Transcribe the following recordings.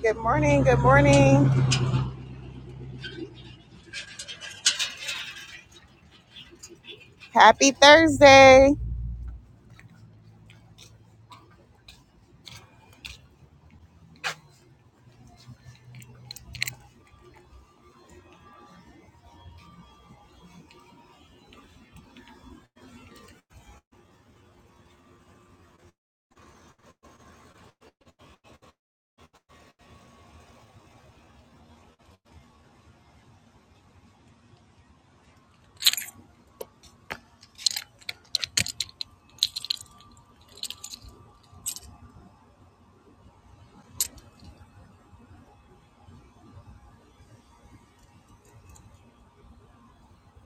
Good morning. Good morning. Happy Thursday.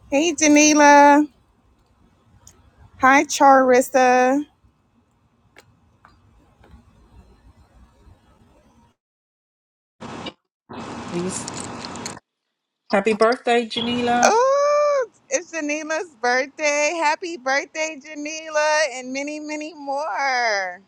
Hey, Janila. Hi, Charissa. Please. Happy birthday, Janila. Oh, it's Janila's birthday. Happy birthday, Janila, and many, many more.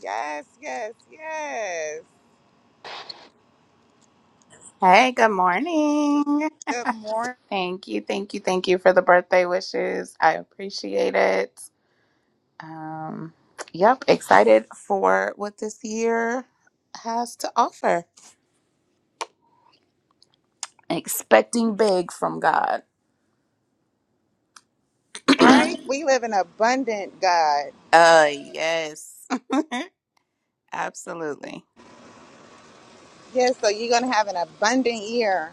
Yes, yes, yes. Hey, good morning. Good morning. Thank you, thank you, thank you for the birthday wishes. I appreciate it. Um, yep, excited for what this year has to offer. Expecting big from God. uh, Right? We live in abundant, God. yes. Absolutely. Yes, so you're going to have an abundant year.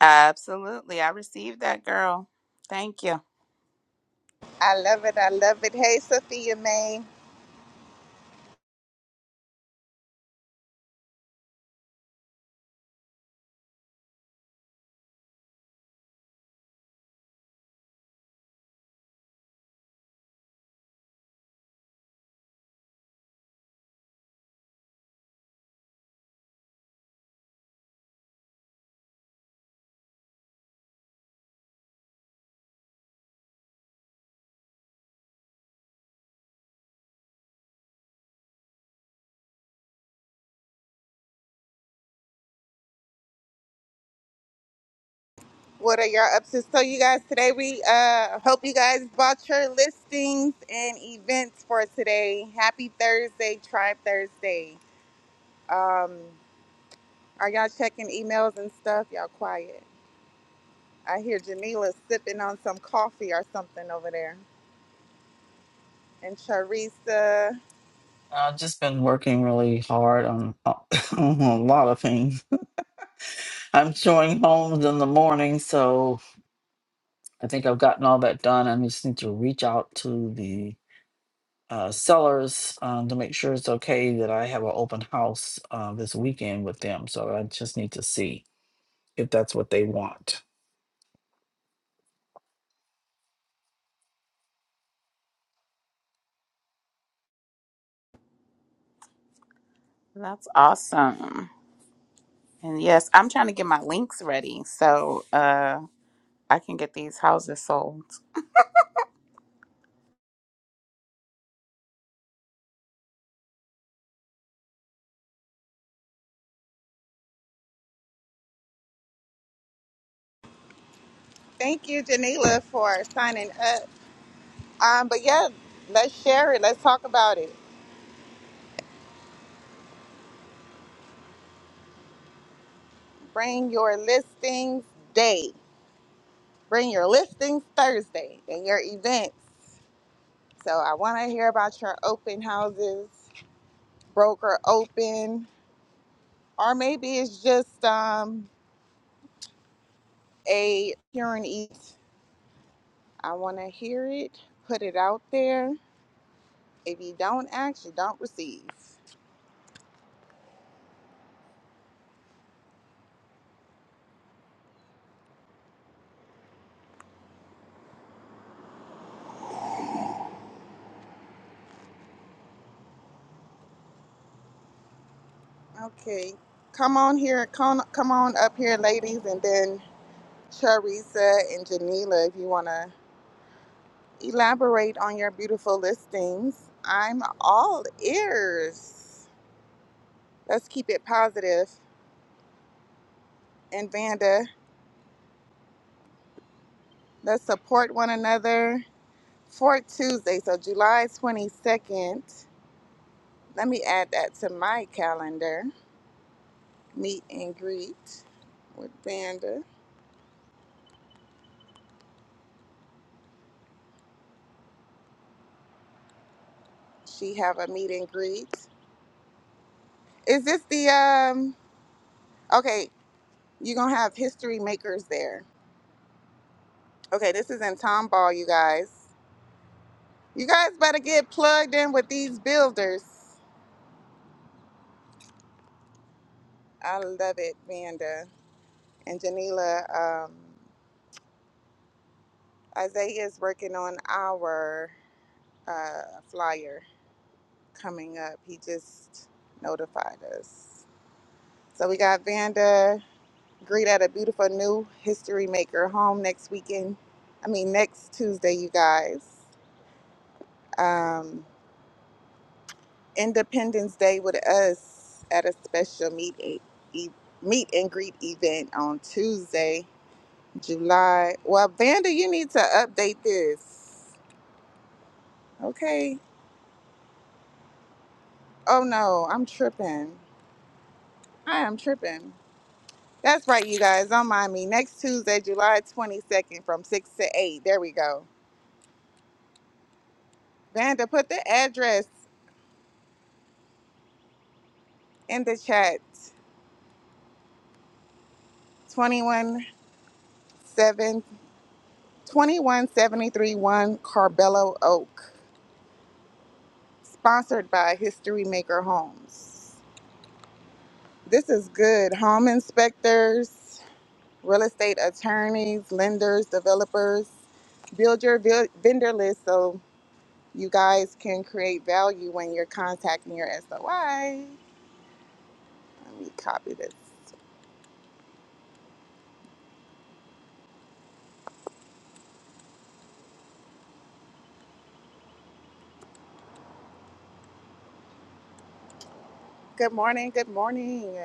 Absolutely. I received that, girl. Thank you. I love it. I love it. Hey, Sophia May. What are y'all up to? So, you guys, today we uh, hope you guys bought your listings and events for today. Happy Thursday, Tribe Thursday. Um, are y'all checking emails and stuff? Y'all quiet. I hear Janila sipping on some coffee or something over there. And Charissa, I've just been working really hard on, on a lot of things. I'm showing homes in the morning, so I think I've gotten all that done. I just need to reach out to the uh, sellers um, to make sure it's okay that I have an open house uh, this weekend with them. So I just need to see if that's what they want. That's awesome. And yes, I'm trying to get my links ready so uh I can get these houses sold. thank you, Janila, for signing up. Um, but yeah, let's share it. Let's talk about it. Bring your listings day. Bring your listings Thursday and your events. So I want to hear about your open houses, broker open, or maybe it's just um, a pure and eat. I want to hear it, put it out there. If you don't ask, you don't receive. Okay, come on here, come, come on up here, ladies, and then Charissa and Janila, if you want to elaborate on your beautiful listings. I'm all ears. Let's keep it positive. And Vanda, Let's support one another for Tuesday, so July 22nd. Let me add that to my calendar. Meet and greet with Vanda. She have a meet and greet. Is this the um okay, you're gonna have history makers there. Okay, this is in Tomball, you guys. You guys better get plugged in with these builders. I love it, Vanda. And Janila, um, Isaiah is working on our uh, flyer coming up. He just notified us. So we got Vanda greet at a beautiful new history maker home next weekend. I mean next Tuesday, you guys. Um, Independence Day with us at a special meet e- e- meet and greet event on Tuesday, July. Well, Vanda, you need to update this. Okay. Oh no, I'm tripping. I am tripping. That's right, you guys. Don't mind me. Next Tuesday, July 22nd from 6 to 8. There we go. Vanda, put the address in the chat 21 2173 1 Carbello Oak, sponsored by History Maker Homes. This is good. Home inspectors, real estate attorneys, lenders, developers. Build your vil- vendor list so you guys can create value when you're contacting your SOI. Let me copy this. Good morning. Good morning.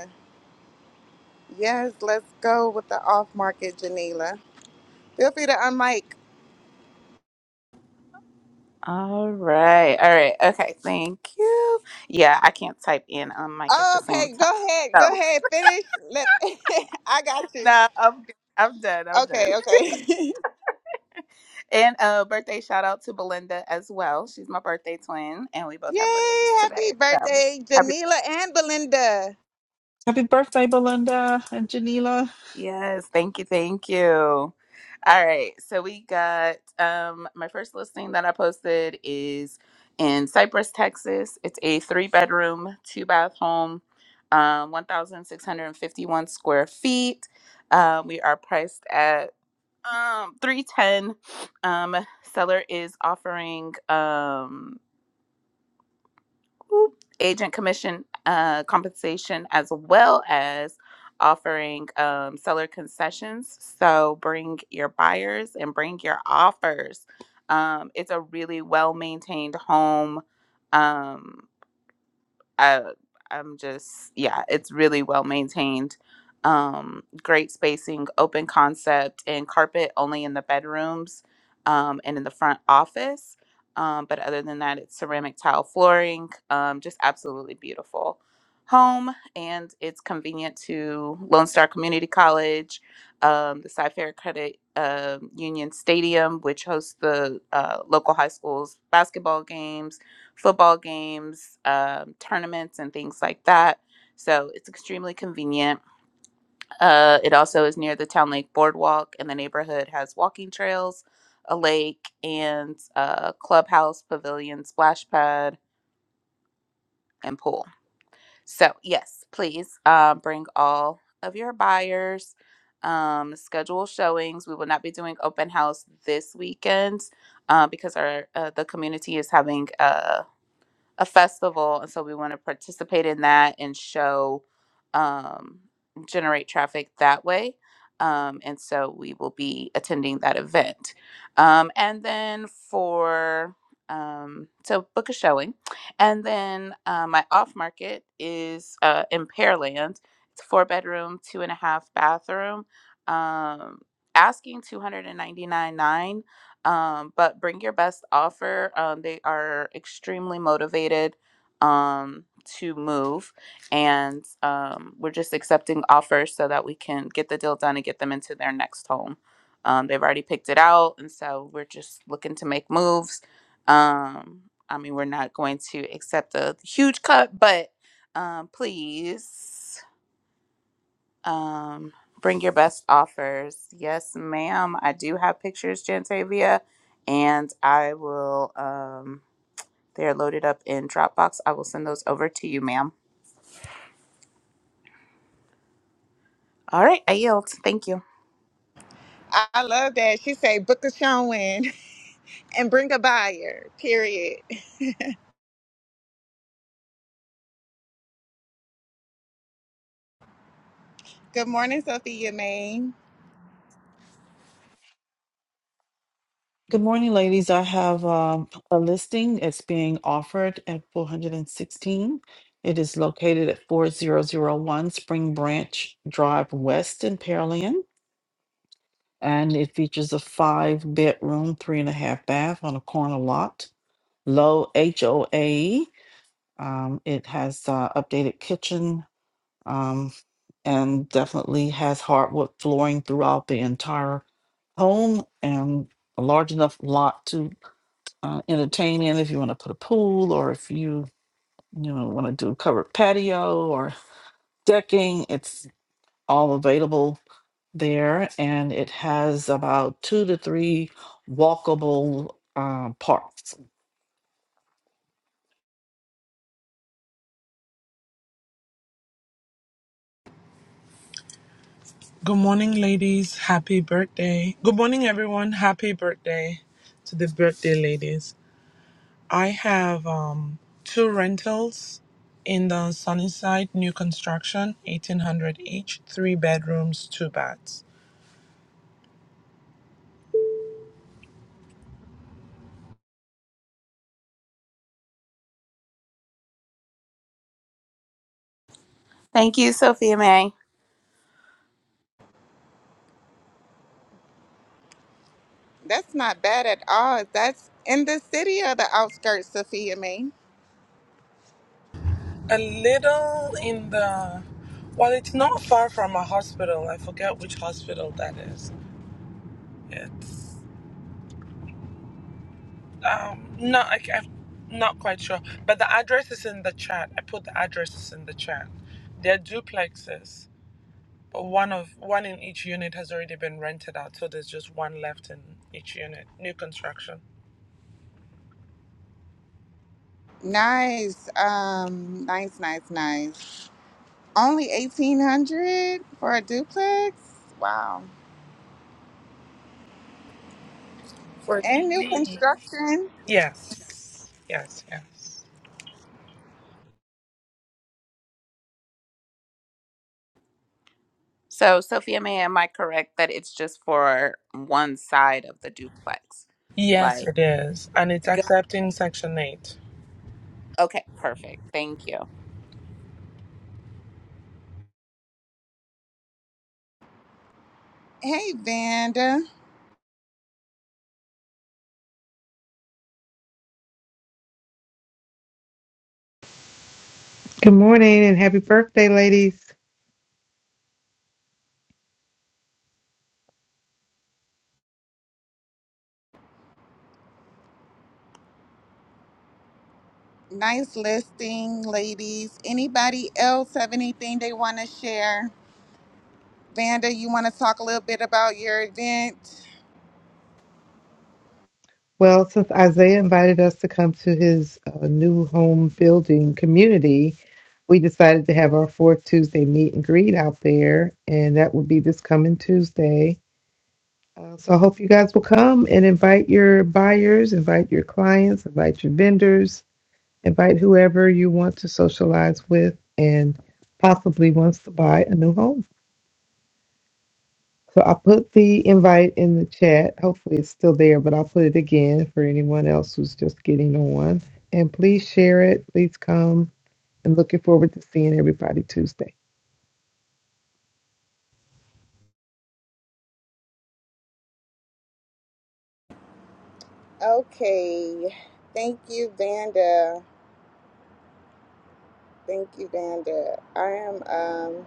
Yes, let's go with the off market, Janila. Feel free to unmic. All right. All right. Okay. Thank you. Yeah, I can't type in on mic at the Oh, same okay, time. go ahead. Go So ahead. Finish. Let I got you. no, I'm good. I'm done. I'm Okay, done. okay. And uh birthday shout out to Belinda as well. She's my birthday twin and we both have birthdays Yay! Happy today. So birthday, happy Janila and Belinda. Happy birthday, Belinda and Janila. Yes, thank you, thank you. All right, so we got um my first listing that I posted is in Cypress, Texas. It's a three bedroom, two bath home, um, 1,651 square feet. Uh, we are priced at um 310. Um, seller is offering um agent commission uh, compensation as well as offering um, seller concessions. So bring your buyers and bring your offers. Um, it's a really well maintained home. Um, I I'm just yeah, it's really well maintained. Um, great spacing, open concept, and carpet only in the bedrooms um, and in the front office. Um, but other than that, it's ceramic tile flooring. Um, just absolutely beautiful home, and it's convenient to Lone Star Community College, um, the Cy Fair Credit um Union Stadium, which hosts the uh, local high schools basketball games football games, um, tournaments, and things like that. So it's extremely convenient. Uh, it also is near the Town Lake Boardwalk, and the neighborhood has walking trails, a lake, and a clubhouse, pavilion, splash pad, and pool. So, yes, please uh, bring all of your buyers. Um, schedule showings. We will not be doing open house this weekend uh, because our uh, the community is having a. a festival, and so we want to participate in that and show, um, generate traffic that way. Um, and so we will be attending that event. Um, and then for um, so book a showing, and then uh, my off market is uh, in Pearland. It's four bedroom, two and a half bathroom. Um, asking two hundred and ninety nine nine. Um, but bring your best offer. Um, they are extremely motivated um, to move, and um, we're just accepting offers so that we can get the deal done and get them into their next home. Um, they've already picked it out, and so we're just looking to make moves. Um, I mean, we're not going to accept a huge cut, but um, please. Um, bring your best offers. Yes, ma'am. I do have pictures, Jantavia, and I will. Um, they are loaded up in Dropbox. I will send those over to you, ma'am. All right, I yield. Thank you. I I love that. She say book a showing and bring a buyer. Period. Good morning, Sophia Maine. Good morning, ladies. I have um, a listing. It's being offered at 416. It is located at 4001 Spring Branch Drive West in Pearland. And it features a five bedroom, three and a half bath on a corner lot, low HOA. Um, it has uh, updated kitchen um, and definitely has hardwood flooring throughout the entire home and a large enough lot to uh, entertain in if you want to put a pool or if you you know want to do covered patio or decking it's all available there and it has about two to three walkable um, parks Good morning, ladies. Happy birthday. Good morning, everyone. Happy birthday to the birthday ladies. I have um, two rentals in the Sunnyside new construction, 1800 each, three bedrooms, two baths. Thank you, Sophia May. That's not bad at all. That's in the city or the outskirts, Sophia Maine. A little in the, well, it's not far from a hospital. I forget which hospital that is. It's not, I, I'm not quite sure, but the address is in the chat. I put the addresses in the chat. They're duplexes one of one in each unit has already been rented out, so there's just one left in each unit, new construction. Nice. Um, nice, nice, nice. Only eighteen hundred for a duplex? Wow. For And new me, construction. yes, yes, yes, So, Sophia May, am I correct that it's just for one side of the duplex? yes, Like, it is, and it's go- accepting Section Eight. okay, perfect. Thank you. Hey Vanda. Good morning and happy birthday, ladies. Nice listing, ladies. Anybody else have anything they want to share? Vanda, you want to talk a little bit about your event? Well, since Isaiah invited us to come to his uh, new home building community, we decided to have our fourth Tuesday meet and greet out there, and that will be this coming Tuesday. Uh, so I hope you guys will come and invite your buyers, invite your clients, invite your vendors, invite whoever you want to socialize with and possibly wants to buy a new home. So I put the invite in the chat. Hopefully it's still there, but I'll put it again for anyone else who's just getting on. And please share it. Please come. And looking forward to seeing everybody Tuesday. Okay. Thank you, Vanda. Thank you, Vanda. I am. um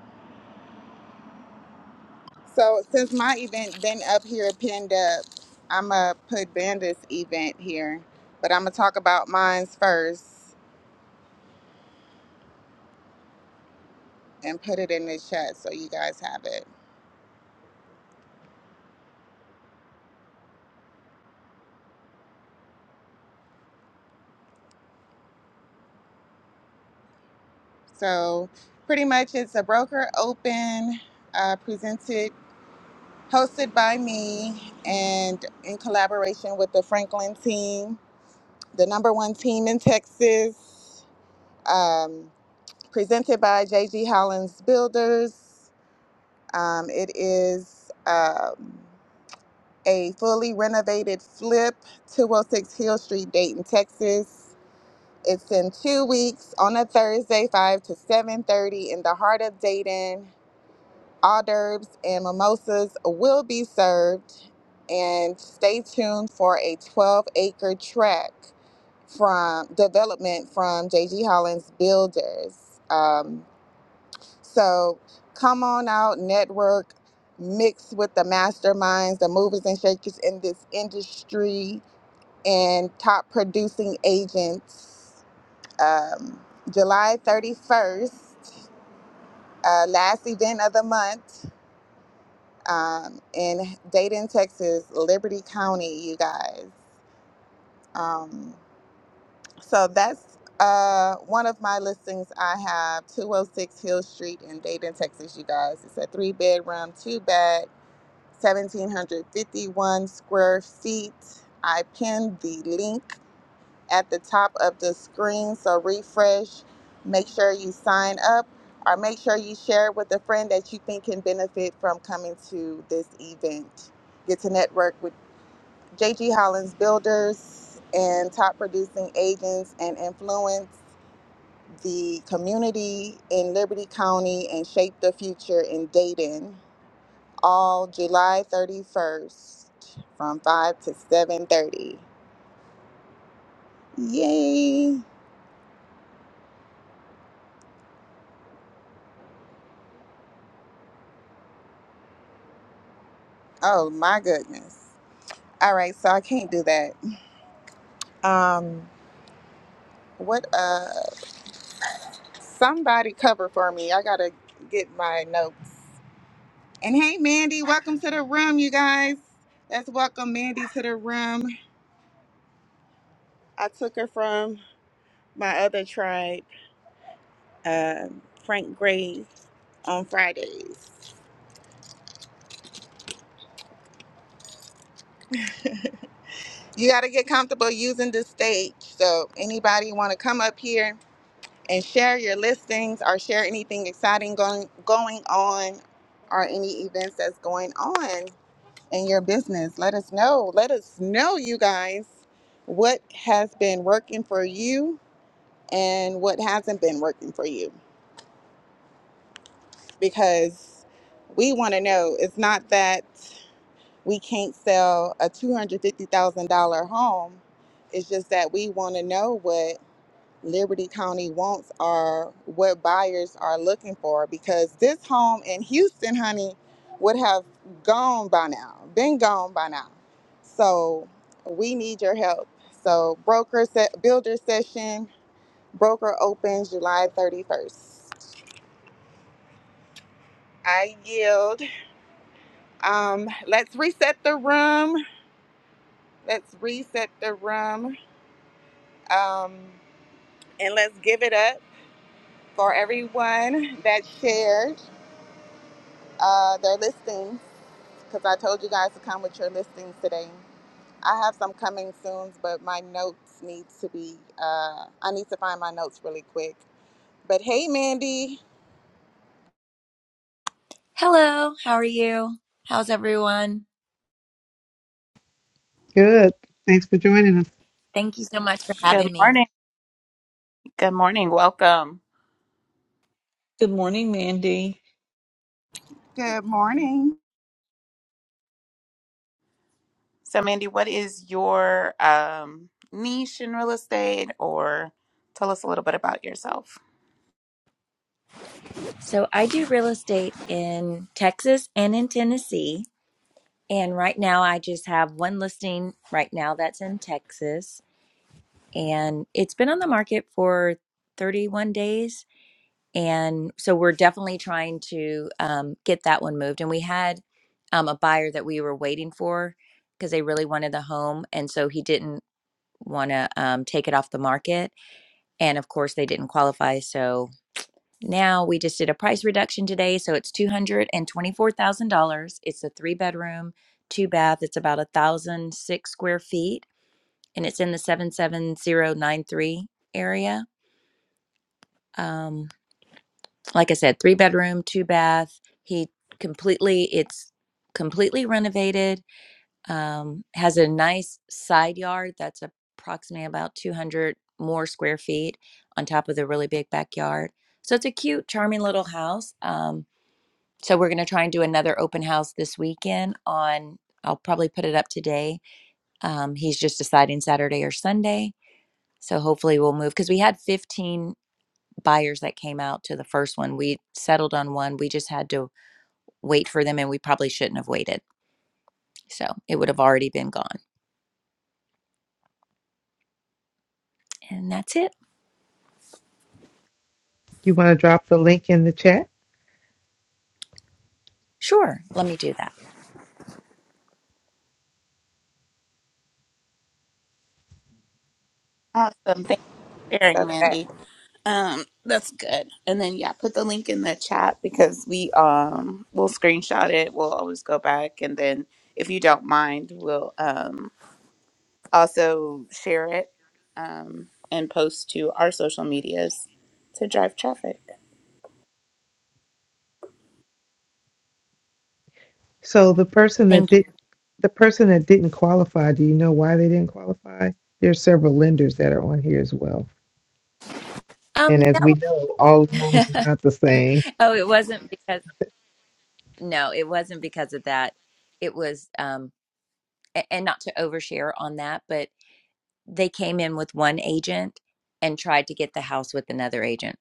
So since my event been up here pinned up, I'ma put Banda's event here, but I'ma talk about mine's first and put it in the chat so you guys have it. So pretty much it's a broker open uh, presented, hosted by me and in collaboration with the Franklin team, the number one team in Texas, um, presented by JG Hollins Builders. Um, it is. Um, a fully renovated flip 206 Hill Street, Dayton, Texas. It's in two weeks on a Thursday, 5 to 7.30 in the heart of Dayton. Hors d'oeuvres and mimosas will be served. And stay tuned for a 12-acre track from development from J.G. Hollins Builders. Um, so come on out, network, mix with the masterminds, the movers and shakers in this industry, and top producing agents. Um, July 31st, uh, last event of the month um, in Dayton, Texas, Liberty County, you guys. Um, so that's uh, one of my listings I have 206 Hill Street in Dayton, Texas, you guys. It's a three bedroom, two bath 1,751 square feet. I pinned the link at the top of the screen, so refresh. Make sure you sign up or make sure you share it with a friend that you think can benefit from coming to this event. Get to network with JG Hollins Builders and top producing agents and influence the community in Liberty County and shape the future in Dayton all July 31st from 5 to 7:30. Yay. Oh my goodness. All right, so I can't do that. Um what uh somebody cover for me. I got to get my notes. And hey Mandy, welcome to the room you guys. Let's welcome Mandy to the room. I took her from my other tribe, uh, Frank Gray on Fridays. you got to get comfortable using this stage. So, anybody want to come up here and share your listings or share anything exciting going going on or any events that's going on in your business? Let us know. Let us know you guys what has been working for you and what hasn't been working for you because we want to know. It's not that we can't sell a $250,000 home. It's just that we want to know what. Liberty County wants are what buyers are looking for because this home in Houston, honey, would have gone by now, been gone by now. So we need your help. So broker set builder session, broker opens July 31st. I yield. Um, let's reset the room. Let's reset the room. Um, and let's give it up for everyone that shared uh, their listing because I told you guys to come with your listings today. I have some coming soon, but my notes need to be, uh, I need to find my notes really quick. But hey, Mandy. Hello, how are you? How's everyone? Good. Thanks for joining us. Thank you so much for Good having me. morning. Good morning. Welcome. good morning mandy Good morning. So, Mandy, what is your um, niche in real estate, or tell us a little bit about yourself? So, I do real estate in Texas and in Tennessee. And right now, I just have one listing right now that's in Texas. And it's been on the market for 31 days. And so, we're definitely trying to um, get that one moved. And we had um, a buyer that we were waiting for because they really wanted the home. And so, he didn't want to um, take it off the market. and of course they didn't qualify so now we just did a price reduction today so it's $224000 it's a three bedroom two bath it's about a thousand six square feet and it's in the 77093 area um, like i said three bedroom two bath he completely it's completely renovated um, has a nice side yard that's approximately about 200 more square feet on top of the really big backyard. So it's a cute, charming little house. Um, so we're going to try and do another open house this weekend on, I'll probably put it up today. Um, he's just deciding Saturday or Sunday. So hopefully we'll move because we had 15 buyers that came out to the first one. We settled on one. We just had to wait for them and we probably shouldn't have waited. So it would have already been gone. And that's it. You want to drop the link in the chat? Sure, let me do that. Awesome. Thank you for sharing, That's that. Mandy. Um, that's good. And then, yeah, put the link in the chat because we um, we'll screenshot it. We'll always go back, and then if you don't mind, we'll um, also share it um, and post to our social medias to drive traffic. So the person that Thank you. did the person that didn't qualify, do you know why they didn't qualify? There's several lenders that are on here as well. Um, And as that we know, all loans are was, not the same. oh, it wasn't because no, it wasn't because of that. It was um, a- and not to overshare on that, but they came in with one agent and tried to get the house with another agent,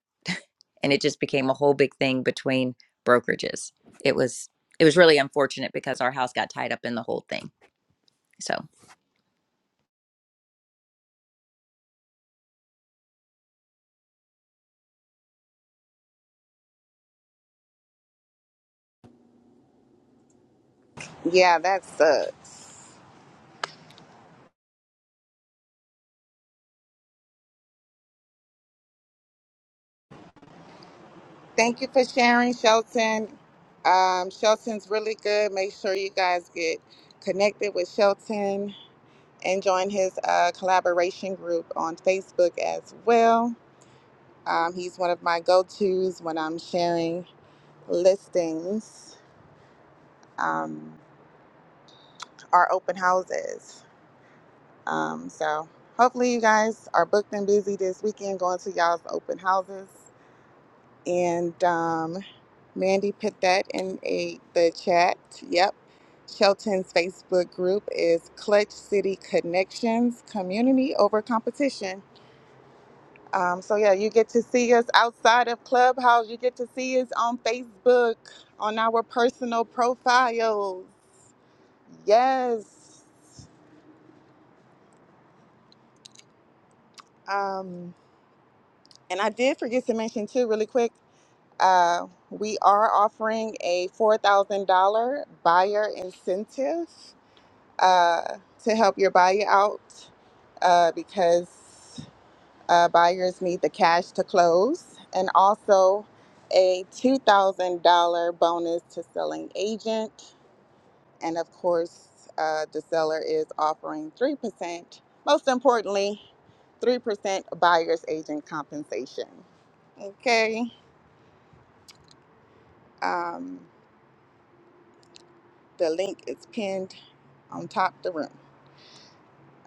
and it just became a whole big thing between brokerages. It was it was really unfortunate because our house got tied up in the whole thing. So Yeah, that sucks. Thank you for sharing, Shelton. Um, Shelton's really good. Make sure you guys get connected with Shelton and join his uh, collaboration group on Facebook as well. Um, he's one of my go tos when I'm sharing listings um, are open houses. Um, so hopefully you guys are booked and busy this weekend going to y'all's open houses. And um, Mandy put that in a the chat. Yep. Shelton's Facebook group is Clutch City Connections Community Over Competition. Um, so yeah, you get to see us outside of Clubhouse. You get to see us on Facebook, on our personal profiles. Yes. Um, and I did forget to mention too, really quick. Uh, we are offering a four thousand dollar buyer incentive uh, to help your buyer out uh, because uh, buyers need the cash to close, and also a two thousand dollar bonus to selling agent. And of course, uh, the seller is offering 3%, most importantly, 3% buyer's agent compensation. Okay, um, the link is pinned on top the room.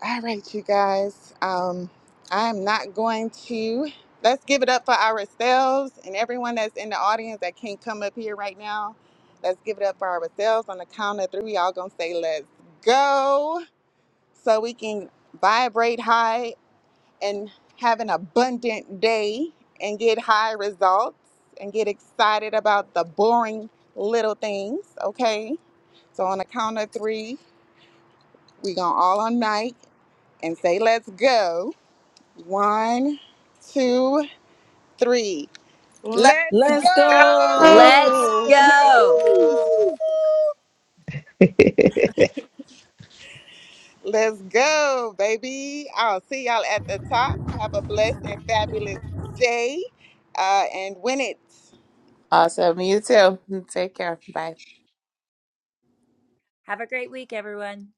All right, you guys, um, I'm not going to. Let's give it up for ourselves and everyone that's in the audience that can't come up here right now. Let's give it up for ourselves on the count of three. Y'all gonna say, let's go, so we can vibrate high and have an abundant day and get high results and get excited about the boring little things, okay? So on the count of three, we gonna all unite and say, let's go. One, two, three. Love Let's let's Go! go! Let's Woo! go go. Woo! Let's go, baby. I'll see y'all at the top. Have a blessed and fabulous day uh, and win it. Awesome. You too. Take care. Bye. have a great week, everyone.